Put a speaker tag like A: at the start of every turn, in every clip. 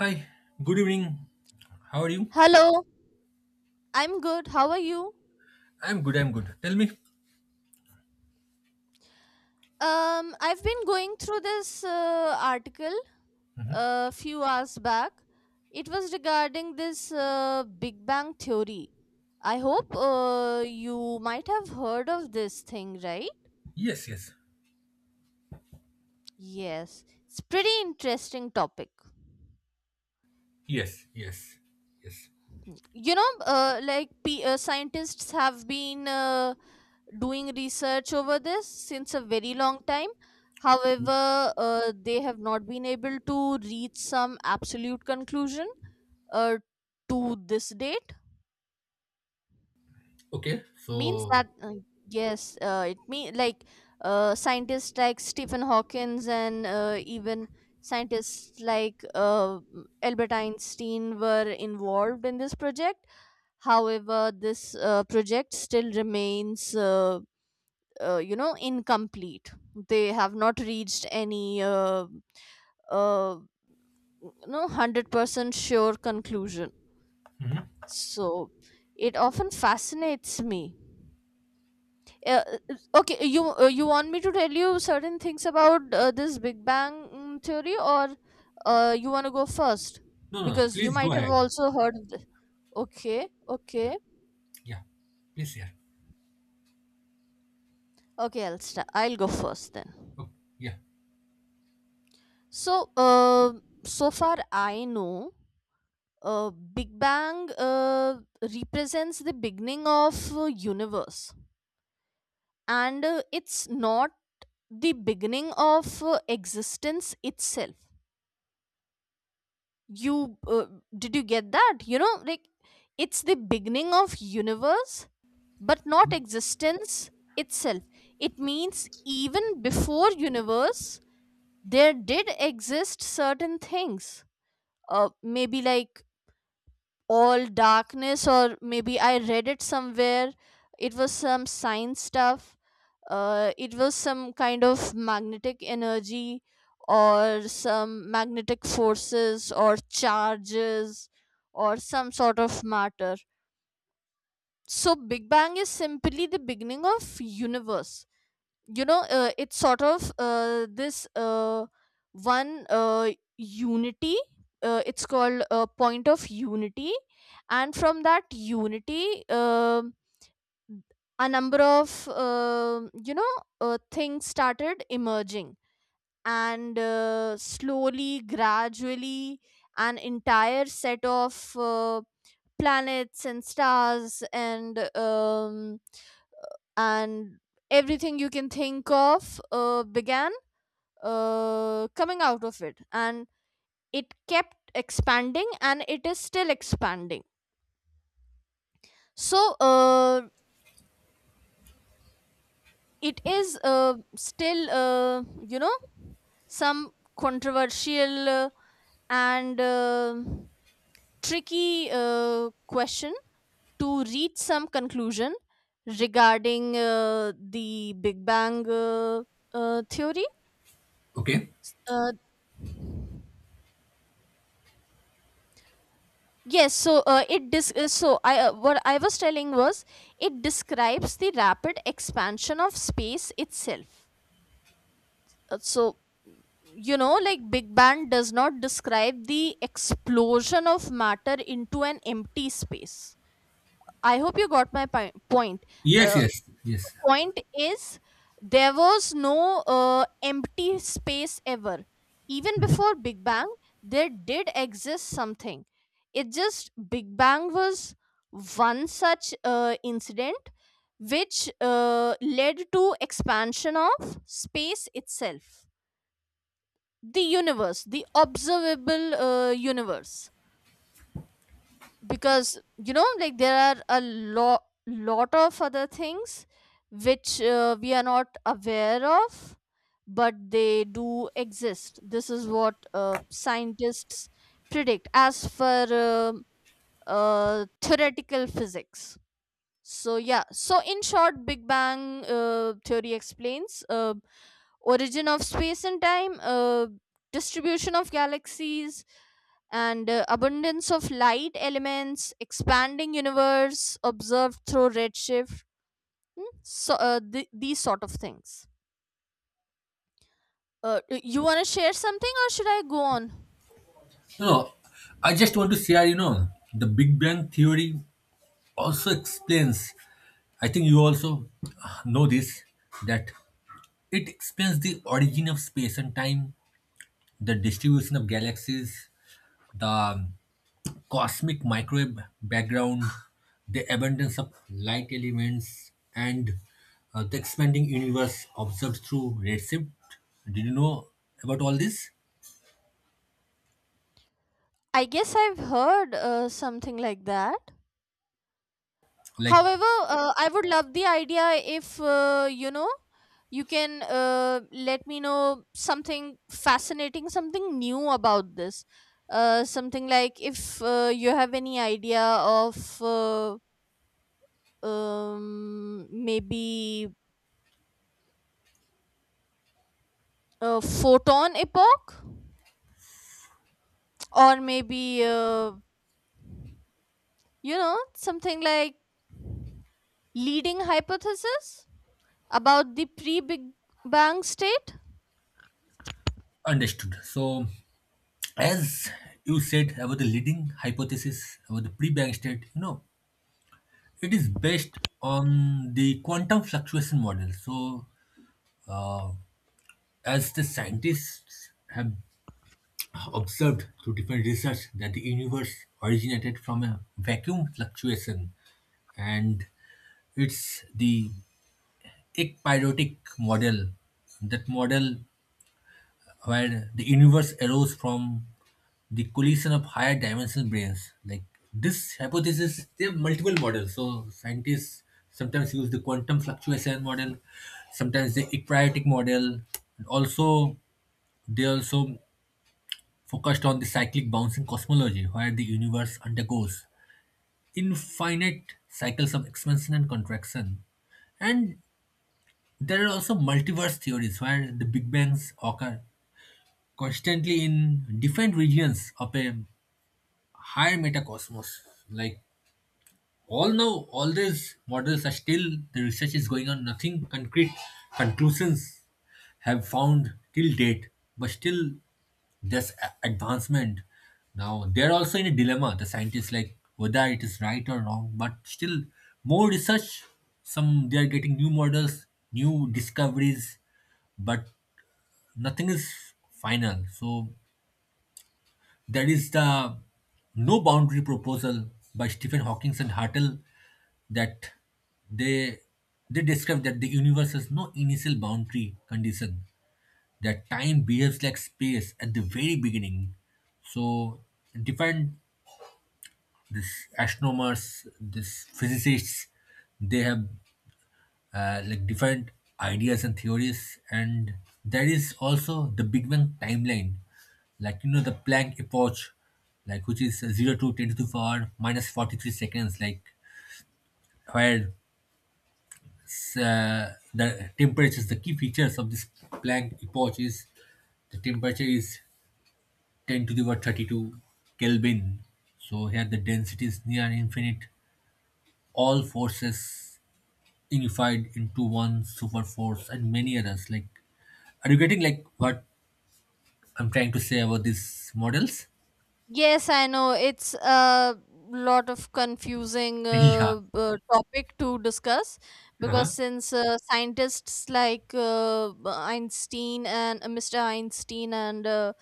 A: Hi, good evening. How are you?
B: Hello, I'm good. How are you?
A: I'm good, I'm good. Tell me.
B: I've been going through this article a few hours back. It was regarding this Big Bang theory. I hope you might have heard of this thing, right?
A: Yes, yes,
B: Yes, it's pretty interesting topic.
A: yes, yes, yes.
B: Scientists have been doing research over this since a very long time. However, they have not been able to reach some absolute conclusion uh, to this date.
A: Okay,
B: Means
A: so.
B: that, yes, it mean like scientists like Stephen Hawkins and even scientists like Albert Einstein were involved in this project. However, this project still remains incomplete. They have not reached any uh, no 100% sure conclusion,
A: Mhm.
B: so it often fascinates me. Uh, okay, you you want me to tell you certain things about this big bang theory, or you want to go first,
A: No, no, no,
B: because you
A: please go
B: might have
A: ahead.
B: also heard of this? Okay. Okay.
A: Yeah, please, yeah.
B: Okay, I'll go first then.
A: Oh, yeah.
B: So uh, so far I know, big bang represents the beginning of universe, and it's not the beginning of existence itself. You did you get that? You know, like it's the beginning of universe but not existence itself. It means even before universe, there did exist certain things, maybe like all darkness, or maybe I read it somewhere, it was some science stuff. It was some kind of magnetic energy, or some magnetic forces or charges, or some sort of matter. So big bang is simply the beginning of universe. You know, it's sort of this one unity. It's called a point of unity, and from that unity, a number of things started emerging. And slowly, gradually, an entire set of planets and stars and everything you can think of began coming out of it, and it kept expanding, and it is still expanding. So it is still, some controversial and tricky question to reach some conclusion regarding the big bang theory.
A: Okay.
B: Uh, Yes, so it dis- so I what I was telling was, it describes the rapid expansion of space itself. So, you know, like big bang does not describe the explosion of matter into an empty space. I hope you got my point.
A: Yes,
B: Uh,
A: yes, yes.
B: point is, there was no empty space ever, even
A: Mhm.
B: before big bang. There did exist something. It just big bang was one such incident which led to expansion of space itself, the universe, the observable universe. Because, you know, like there are a lot of other things which we are not aware of, but they do exist. This is what scientists predict as for theoretical physics. So yeah, so in short, big bang theory explains origin of space and time, distribution of galaxies, and abundance of light elements, expanding universe observed through redshift, so these sort of things. Y- you want to share something, or should I go on?
A: No, no, I just want to share, the Big Bang Theory also explains, I think you also know this, that it explains the origin of space and time, the distribution of galaxies, the cosmic microwave background, the abundance of light elements, and the expanding universe observed through redshift. Did you know about all this?
B: I guess I've heard something like that.
A: Like,
B: However, I would love the idea if, you can let me know something fascinating, something new about this. Something like, if you have any idea of, maybe a photon epoch, or maybe something like leading hypothesis about the pre-Big Bang state.
A: understood. So, as you said about the leading hypothesis about the pre bang state, it is based on the quantum fluctuation model. So, as the scientists have observed through different research that the universe originated from a vacuum fluctuation, and it's the ekpyrotic model, that model where the universe arose from the collision of higher dimensional brains. Like this hypothesis, they have multiple models, so scientists sometimes use the quantum fluctuation model, sometimes the ekpyrotic model, and also they also focused on the cyclic bouncing cosmology where the universe undergoes infinite cycles of expansion and contraction. And there are also multiverse theories where the Big Bangs occur constantly in different regions of a higher metacosmos, like although all these models are still, the research is going on, nothing concrete conclusions have found till date, but still there's advancement. Now they're also in a dilemma, the scientists, like whether it is right or wrong, but still more research. Some they are getting new models, new discoveries, but nothing is final. So there is the no boundary proposal by Stephen Hawking and Hartle that they they describe that the universe has no initial boundary condition, that time behaves like space at the very beginning. So different this astronomers, this physicists, they have like different ideas and theories. And there is also the big bang timeline, like you know the planck epoch, like which is 0 to 10 to the power minus 43 seconds, like where the temperatures, the key features of this planck epoch is the temperature is 10 to the power 32 kelvin. So here the density is near infinite, all forces unified into one super force and many others. Like, are you getting like what I'm trying to say about these models?
B: Yes, I know. It's a lot of confusing
A: Yeah.
B: topic to discuss, because
A: Uh-huh.
B: since scientists like Einstein and Mr. Einstein and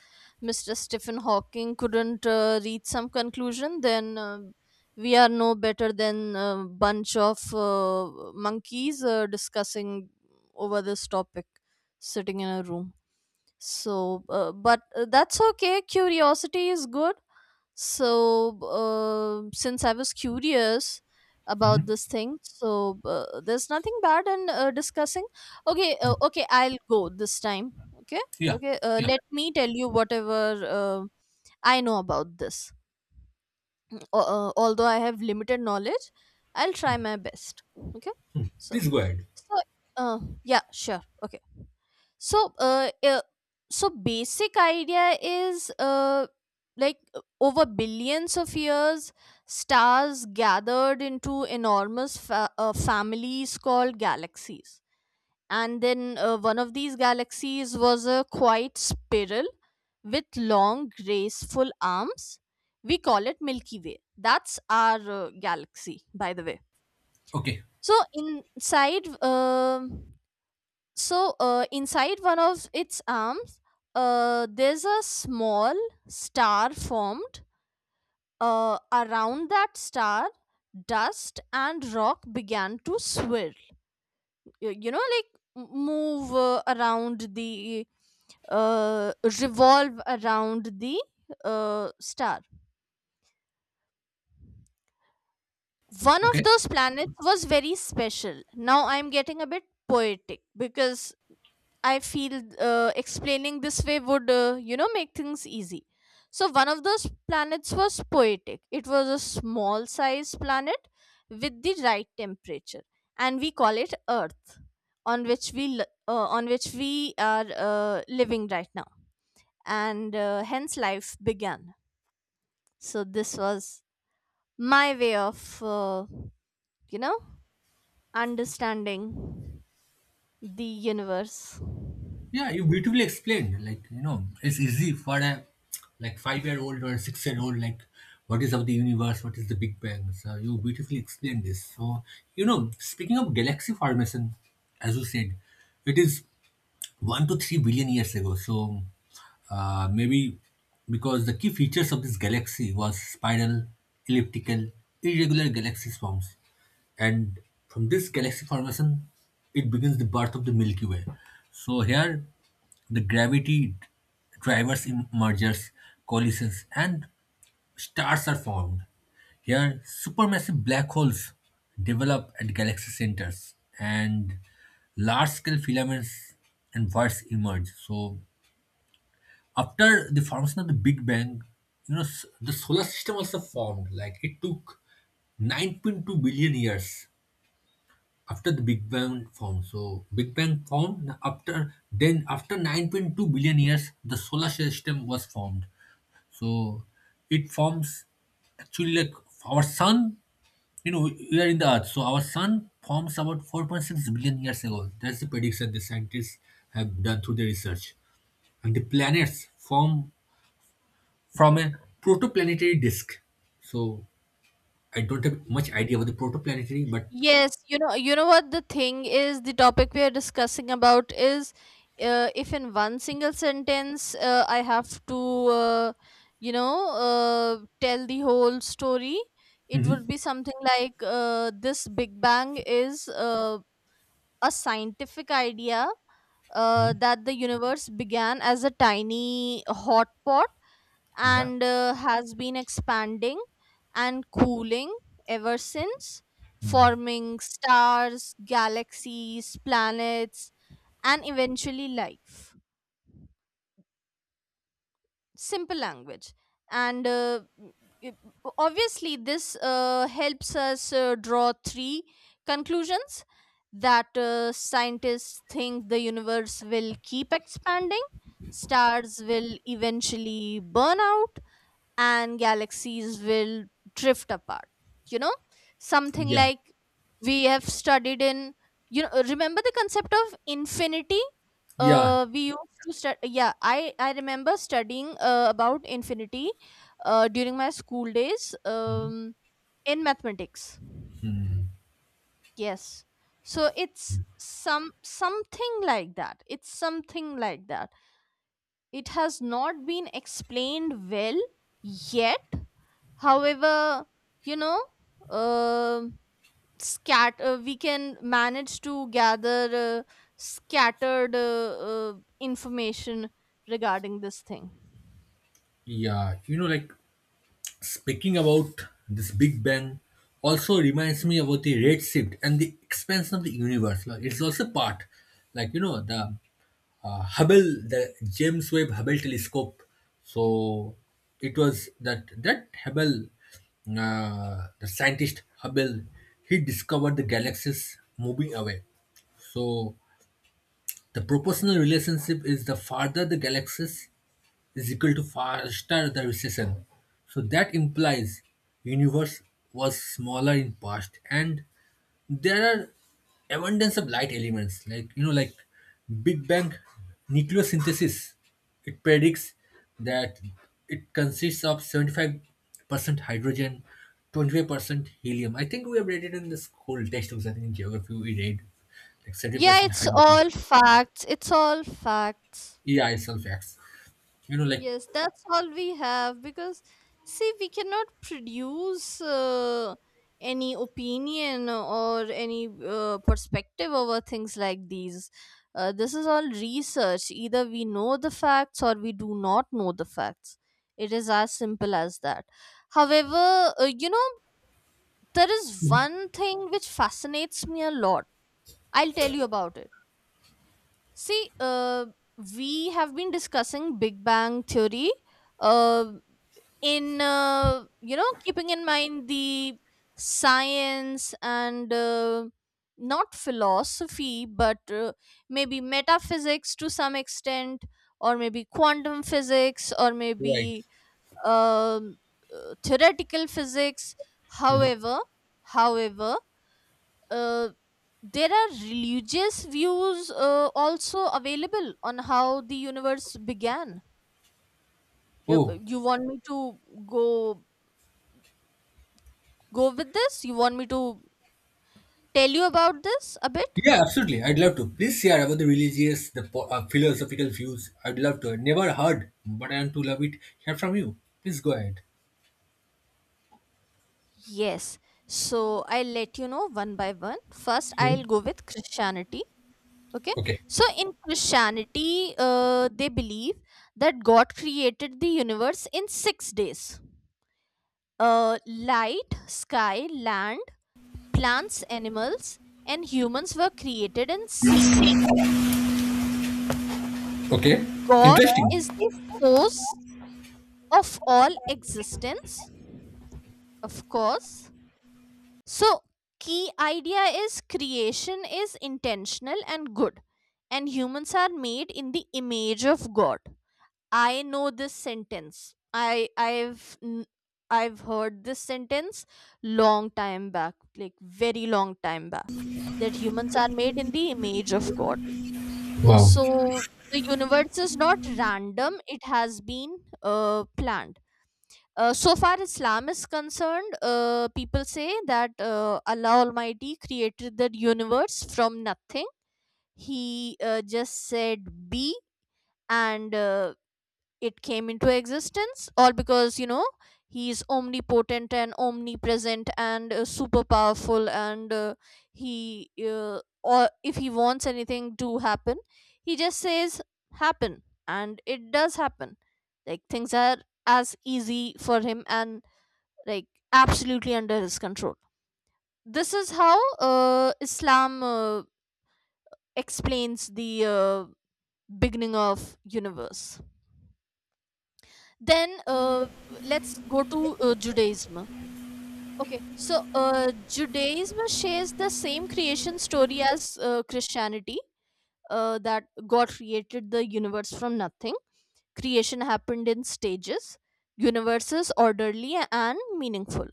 B: Mr. Stephen Hawking couldn't reach some conclusion, then we are no better than a bunch of monkeys discussing over this topic, sitting in a room. So, but that's okay. Curiosity is good. So, since I was curious about
A: Mhm.
B: this thing, so there's nothing bad in discussing. Okay, okay, I'll go this time. Okay,
A: Yeah.
B: okay.
A: Yeah.
B: Let me tell you whatever uh, I know about this. Mm, al- although I have limited knowledge, I'll try my best. Okay, so
A: Please go ahead.
B: so yeah, sure. Okay, so so basic idea is, over billions of years, stars gathered into enormous families called galaxies. And then one of these galaxies was a quiet spiral with long, graceful arms. We call it Milky Way. That's our galaxy, by the way.
A: Okay.
B: So inside, inside one of its arms, there's a small star formed. Around that star, dust and rock began to swirl. Y- You know, like m- move uh, around the, uh, revolve around the star. One of
A: Okay.
B: those planets was very special. Now I'm getting a bit poetic because I feel explaining this way would, make things easy. So, one of those planets was poetic. It was a small sized planet with the right temperature, and we call it Earth, on which on which we are living right now. And hence life began. So, this was my way of, you know, understanding the universe.
A: Yeah, you beautifully explained. Like, you know, it's easy for a like 5-year-old or a 6-year-old, like what is of the universe, what is the Big Bang. So you beautifully explained this. So, you know, speaking of galaxy formation, as you said, it is 1 to 3 billion years ago. So maybe because the key features of this galaxy was spiral, elliptical, irregular galaxy swarms. And from this galaxy formation, it begins the birth of the Milky Way. So here, the gravity drivers in mergers, collisions, and stars are formed. Here, supermassive black holes develop at galaxy centers, and large scale filaments and voids emerge. So, after the formation of the Big Bang, you know, the solar system also formed. Like, it took 9.2 billion years after the Big Bang formed. So Big Bang formed after then after 9.2 billion years the solar system was formed. So it forms actually like our sun, you know, we are in the earth. So our sun forms about 4.6 billion years ago. That's the prediction the scientists have done through their research. And the planets form from a protoplanetary disk. So I don't have much idea about the protoplanetary, but
B: Yes, you know what the thing is, the topic we are discussing about is, if in one single sentence I have to, tell the whole story, it would be something like, this Big Bang is a scientific idea that the universe began as a tiny hot pot
A: Yeah.
B: and has been expanding and cooling ever since, forming stars, galaxies, planets, and eventually life. Simple language. And it- obviously, this helps us draw 3 conclusions, that scientists think the universe will keep expanding, stars will eventually burn out, and galaxies will drift apart. You know, something
A: Yeah,
B: like we have studied in, you know, remember the concept of infinity?
A: yeah.
B: We used to study, yeah, I remember studying about infinity during my school days, in mathematics. Yes. So it's some something like that. It's something like that. It has not been explained well yet. However, you know, um scat we can manage to gather scattered information regarding this thing.
A: Yeah, you know, like speaking about this Big Bang also reminds me about the red shift and the expansion of the universe. Like, it's also part, like, you know, the Hubble, the James Webb Hubble telescope. So it was that, that Hubble, the scientist Hubble, he discovered the galaxies moving away. So the proportional relationship is the farther the galaxies is equal to faster the recession. So that implies universe was smaller in past, and there are abundance of light elements like you know like Big Bang nucleosynthesis. It predicts that it consists of 75% hydrogen, 25% helium. I think we have read it in the school textbooks. I think in geography we read like
B: Yeah,
A: 70%
B: it's
A: hydrogen.
B: all facts, it's all facts.
A: Yeah, it's some. You know, like
B: Yes, that's all we have. Because see, we cannot produce any opinion or any perspective over things like these. This is all research. Either we know the facts or we do not know the facts. It is as simple as that. However, there is one thing which fascinates me a lot. I'll tell you about it. See, we have been discussing Big Bang Theory. Uh, in, keeping in mind the science and, not philosophy but maybe metaphysics to some extent, or maybe quantum physics, or
A: right.
B: maybe um, theoretical physics.
A: Mhm.
B: However however uh, there are religious views also available on how the universe began. you
A: Oh,
B: you want me to go go with this? You want me to tell you about this a bit?
A: yeah, absolutely. I'd love to. Please share about the religious, the philosophical views. I'd love to. I never heard, but I want to love it. Hear from you. Please go ahead.
B: Yes. So I'll let you know one by one. First, I'll
A: Mhm.
B: go with Christianity. Okay.
A: Okay.
B: So in Christianity, they believe that God created the universe in 6 days. Light, sky, land, plants, animals, and humans were created in sequence.
A: Okay.
B: God
A: Interesting.
B: is the source of all existence, of course. So, key idea is creation is intentional and good, and humans are made in the image of God. I know this sentence. I've heard this sentence long time back, like very long time back, that humans are made in the image of God.
A: Wow.
B: So the universe is not random; it has been planned. Uh, so far Islam is concerned, people say that Allah Almighty created the universe from nothing. He just said be, and it came into existence, all because, you know, he is omnipotent and omnipresent and super powerful, and he or if he wants anything to happen, he just says happen and it does happen. Like things are as easy for him and, like, absolutely under his control. This is how Islam explains the beginning of universe. Then let's go to Judaism. Okay, so Judaism shares the same creation story as Christianity, that God created the universe from nothing. Creation happened in stages. Universe is orderly and meaningful.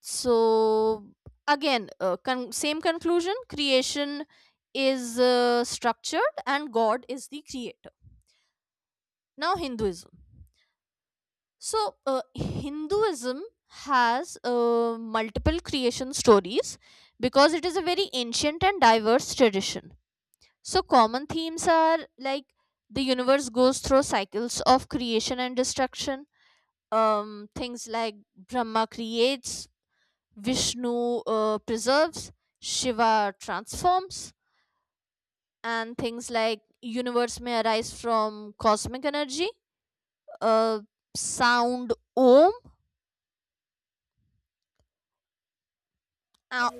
B: So again, same conclusion: creation is structured, and God is the creator. Now, Hinduism. So, Hinduism has multiple creation stories because it is a very ancient and diverse tradition. So common themes are like the universe goes through cycles of creation and destruction. Things like Brahma creates, Vishnu preserves, Shiva transforms, and things like universe may arise from cosmic energy, uh, sound om, uh,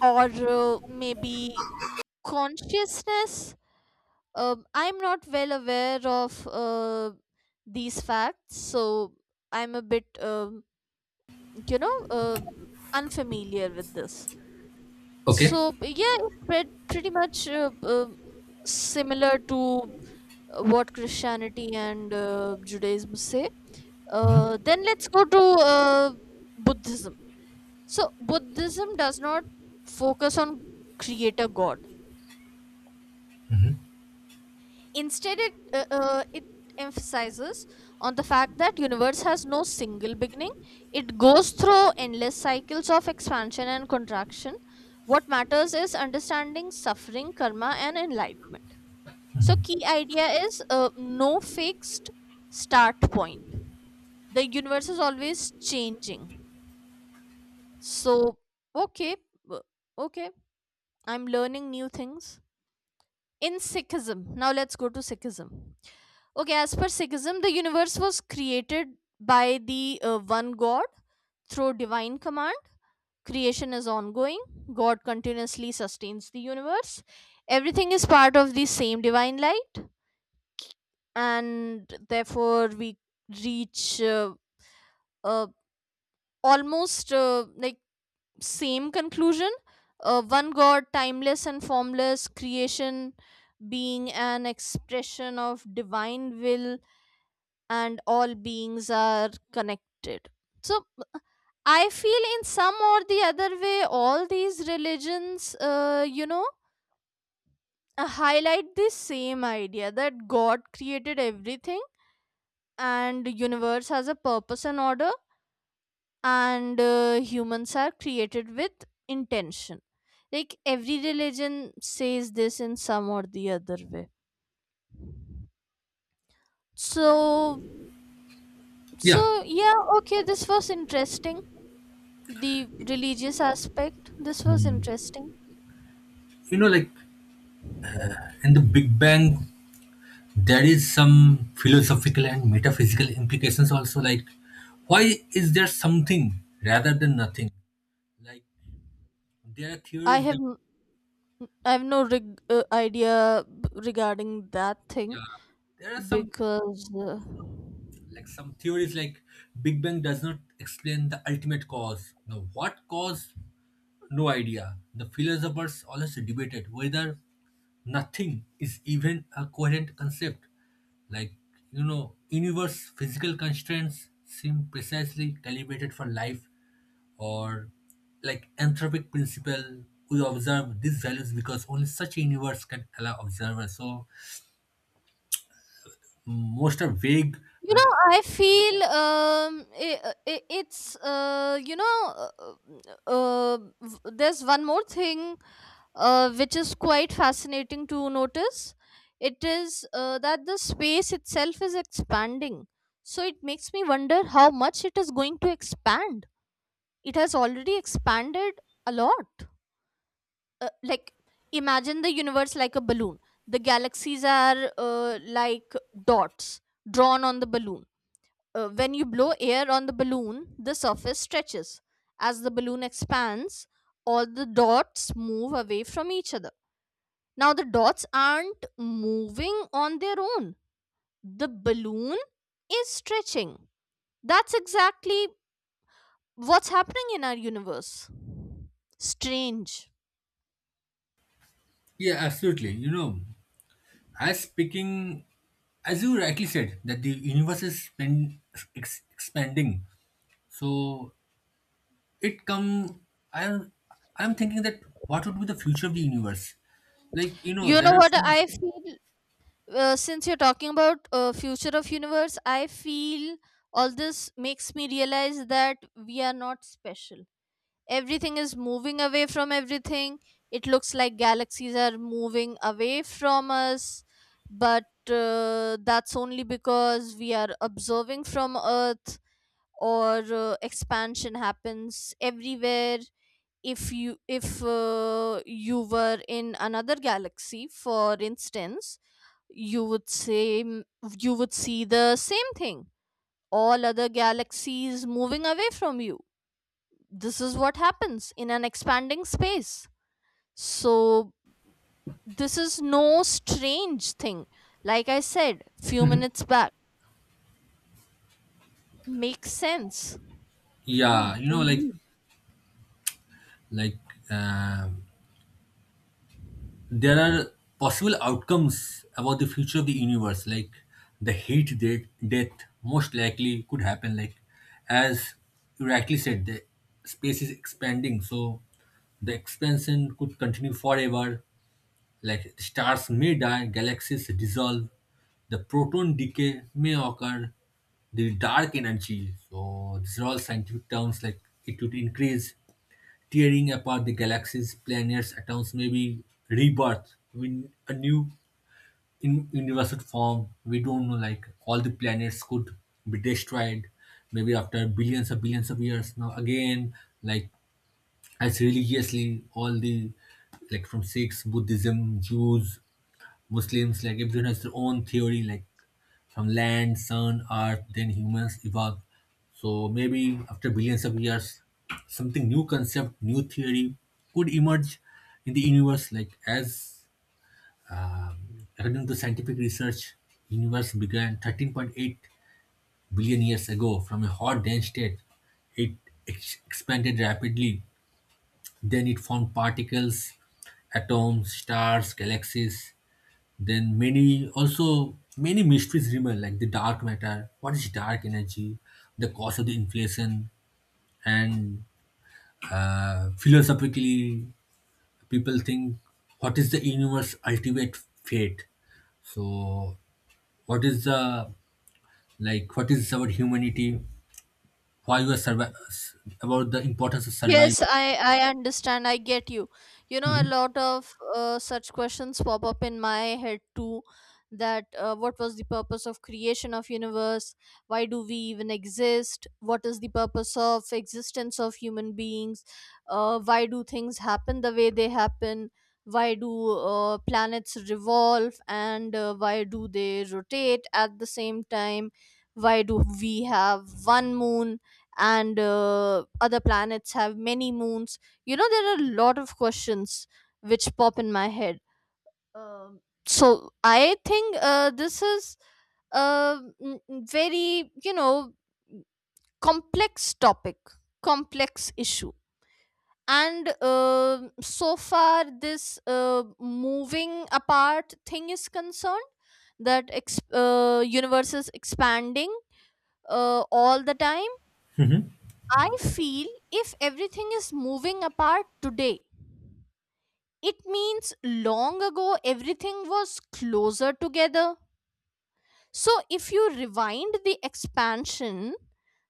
B: or maybe consciousness. I'm not well aware of these facts, so I'm a bit, you know, uh, unfamiliar with this.
A: Okay.
B: So yeah, it's pretty much similar to what Christianity and Judaism say. Then let's go to Buddhism. So, Buddhism does not focus on creator God. Instead, it emphasizes on the fact that universe has no single beginning. It goes through endless cycles of expansion and contraction. What matters is understanding suffering, karma, and enlightenment. So, key idea is no fixed start point. The universe is always changing. So okay. w- okay, I'm learning new things in Sikhism. Now let's go to Sikhism. Okay, as per Sikhism, the universe was created by the one God through divine command. Creation is ongoing. God continuously sustains the universe. Everything is part of the same divine light, and therefore we reach uh, almost like same conclusion: one God, timeless and formless, creation being an expression of divine will, and all beings are connected. So I feel in some or the other way all these religions, highlight this same idea that God created everything, and universe has a purpose and order, and humans are created with intention. Like every religion says this in some or the other way. So so
A: Yeah.
B: yeah, okay, this was interesting. The religious aspect, this was
A: Hmm.
B: interesting.
A: You know, like in the Big Bang, there is some philosophical and metaphysical implications also. Like, why is there something rather than nothing? Like, there are
B: i
A: theories
B: have
A: that
B: n- i have no idea regarding that thing.
A: yeah, there are some
B: Because uh,
A: like some theories like Big Bang does not explain the ultimate cause. Now, what cause? No idea. The philosophers always debated whether nothing is even a coherent concept. Like you know, universe physical constraints seem precisely calibrated for life, or like anthropic principle. We observe these values because only such a universe can allow observers. So most are vague.
B: I feel, I I it's, uh, uh, uh, there's one more thing which is quite fascinating to notice. It is that the space itself is expanding. So it makes me wonder how much it is going to expand. It has already expanded a lot. Like, imagine the universe like a balloon. The galaxies are like dots drawn on the balloon. When you blow air on the balloon, the surface stretches. As the balloon expands, all the dots move away from each other. Now the dots aren't moving on their own. The balloon is stretching. That's exactly what's happening in our universe. Strange.
A: Yeah, absolutely. You know, as speaking, as you rightly said, that the universe is spend, expanding. So it come. I'm I'm thinking that what would be the future of the universe? Like you know,
B: You know
A: there are
B: what
A: some.
B: I feel? Since you're talking about future of universe, I feel all this makes me realize that we are not special. Everything is moving away from everything. It looks like galaxies are moving away from us, but that's only because we are observing from Earth, or expansion happens everywhere. If you were in another galaxy, for instance, you would see the same thing, all other galaxies moving away from you. This is what happens in an expanding space. So, this is no strange thing. Like I said few minutes back, makes sense.
A: Yeah,
B: Mm,
A: you know, like
B: indeed.
A: like um there are possible outcomes about the future of the universe, like the heat death most likely could happen, like as you rightly said the space is expanding, so the expansion could continue forever, like stars may die, galaxies dissolve, the proton decay may occur, the dark energy, so these are all scientific terms, like it would increase tearing apart the galaxies, planets, atoms, maybe rebirth in a new in universal form. We don't know, like all the planets could be destroyed, maybe after billions of years. Now again, like as religiously, all the like from Sikhs, Buddhism, Jews, Muslims, like everyone has their own theory, like from land, sun, earth, then humans evolved. So maybe after billions of years, something new concept, new theory could emerge in the universe. Like as according to scientific research, universe began 13.8 billion years ago from a hot dense state. It expanded rapidly. Then it formed particles, atoms, stars, galaxies. Then many also many mysteries remain like the dark matter, what is dark energy, the cause of the inflation, and philosophically people think what is the universe ultimate fate. So what is the like what is our humanity? Why we are about the importance of survival?
B: Yes, I understand. I get you. You know, a
A: Hmm.
B: lot of such questions pop up in my head too. That What was the purpose of creation of universe? Why do we even exist? What is the purpose of existence of human beings? Why do things happen the way they happen? Why do planets revolve, and why do they rotate at the same time? Why do we have one moon, and other planets have many moons? You know, there are a lot of questions which pop in my head. um, so I think this is a very, complex topic, complex issue. And so far this moving apart thing is concerned, universe is expanding all the time.
A: Hmm.
B: I feel if everything is moving apart today, it means long ago everything was closer together. So if you rewind the expansion,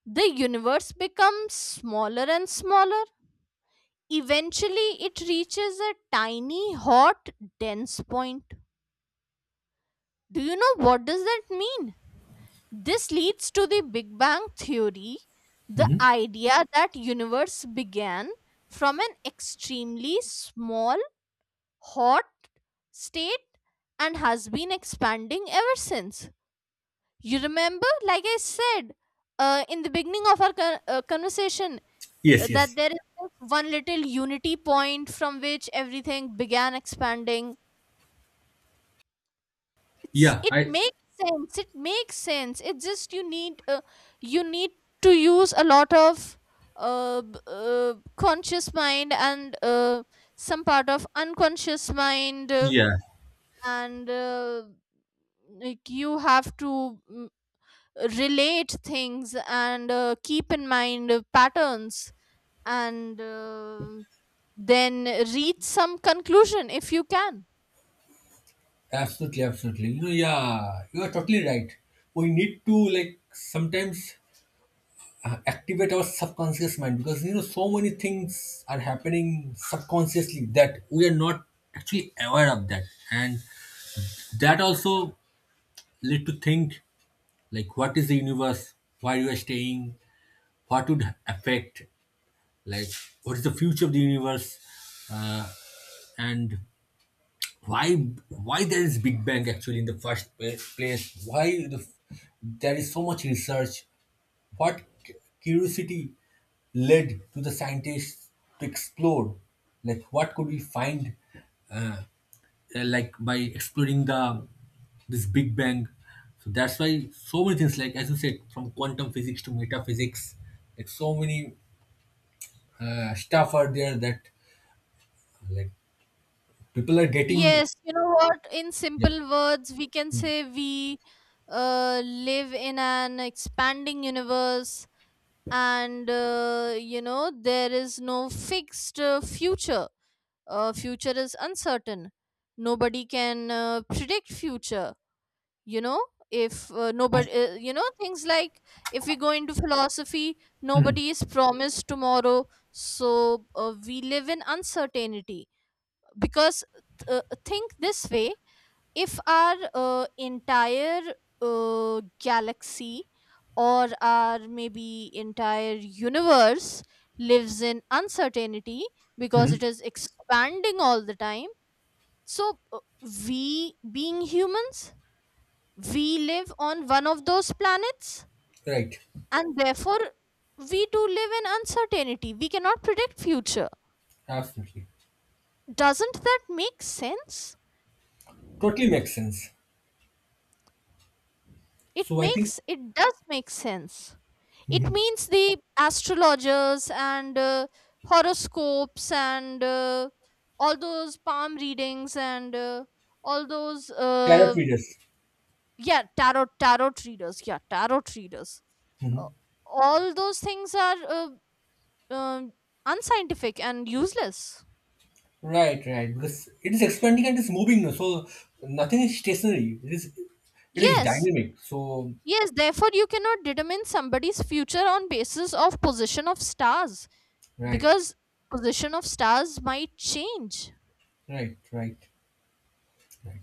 B: the universe becomes smaller and smaller. Eventually, it reaches a tiny, hot, dense point. Do you know what does that mean? This leads to the Big Bang theory, the
A: Hmm.
B: idea that universe began from an extremely small, hot state and has been expanding ever since. You remember, like I said, in the beginning of our conversation,
A: Yes,
B: that
A: yes,
B: there is just one little unity point from which everything began expanding. It's
A: yeah,
B: it
A: I
B: makes sense. It makes sense. It's just you need to use a lot of conscious mind, and some part of unconscious mind,
A: yeah.
B: and like you have to, relate things, and keep in mind patterns, and then reach some conclusion if you can.
A: Absolutely, absolutely. You know, yeah, you are totally right. We need to like sometimes activate our subconscious mind because you know so many things are happening subconsciously that we are not actually aware of that, and that also lead to think like what is the universe, where you are staying, what would affect, like what is the future of the universe, uh, and why why there is big bang actually in the first place, why the, there is so much research, what curiosity led to the scientists to explore, like what could we find like by exploring the this big bang, so that's why so many things like as you said from quantum physics to metaphysics like so many stuff are there that like people are getting
B: Yes, you know what, in
A: yeah.
B: simple words we can say we live in an expanding universe, and there is no fixed future. Future is uncertain. Nobody can predict future, you know. If uh, nobody uh, you know things like, if we go into philosophy,
A: Mhm.
B: nobody is promised tomorrow, so we live in uncertainty. Because, think this way: if our entire galaxy, or our maybe entire universe, lives in uncertainty because it is expanding all the time, so we being humans, we live on one of those planets,
A: Right.
B: and therefore we do live in uncertainty. We cannot predict future.
A: Absolutely.
B: Doesn't that make sense?
A: Totally makes sense.
B: it
A: So I think.
B: makes it does make sense. It
A: Mhm.
B: means the astrologers and horoscopes and all those palm readings and all those,
A: Tarot readers.
B: yeah, tarot readers. Yeah, tarot readers. Uh,
A: Mhm.
B: all those things are, um unscientific and useless.
A: Right, right. Because it is expanding and it's moving. No? So nothing is stationary. It is
B: Yes.
A: dynamic. So
B: Yes, therefore you cannot determine somebody's future on basis of position of stars,
A: right,
B: because position of stars might change.
A: right, right, right.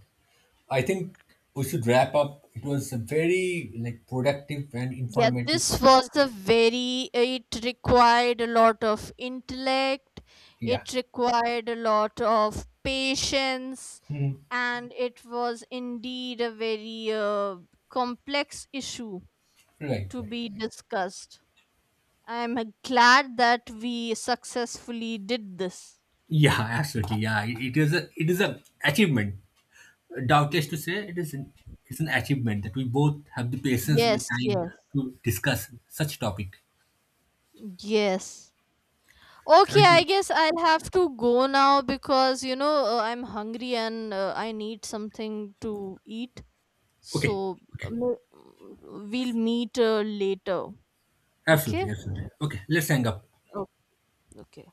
A: I think we should wrap up. It was a very like productive and
B: Yeah,
A: informative.
B: this was a very, it required a lot of intellect,
A: Yeah.
B: it required a lot of patience,
A: Mhm.
B: and it was indeed a very complex issue
A: Right,
B: to
A: right.
B: be discussed. I'm glad that we successfully did this.
A: Yeah, absolutely. Yeah, it is a achievement. Doubtless to say it is an, it's an achievement that we both have the patience and the
B: Yes,
A: time
B: yes,
A: to discuss such topic.
B: yes. Okay,
A: Thank
B: I
A: you.
B: guess I'll have to go now because, I'm hungry and I need something to eat.
A: Okay,
B: So,
A: okay,
B: we'll meet later. Okay?
A: absolutely, absolutely. Okay, let's hang up.
B: Oh, okay.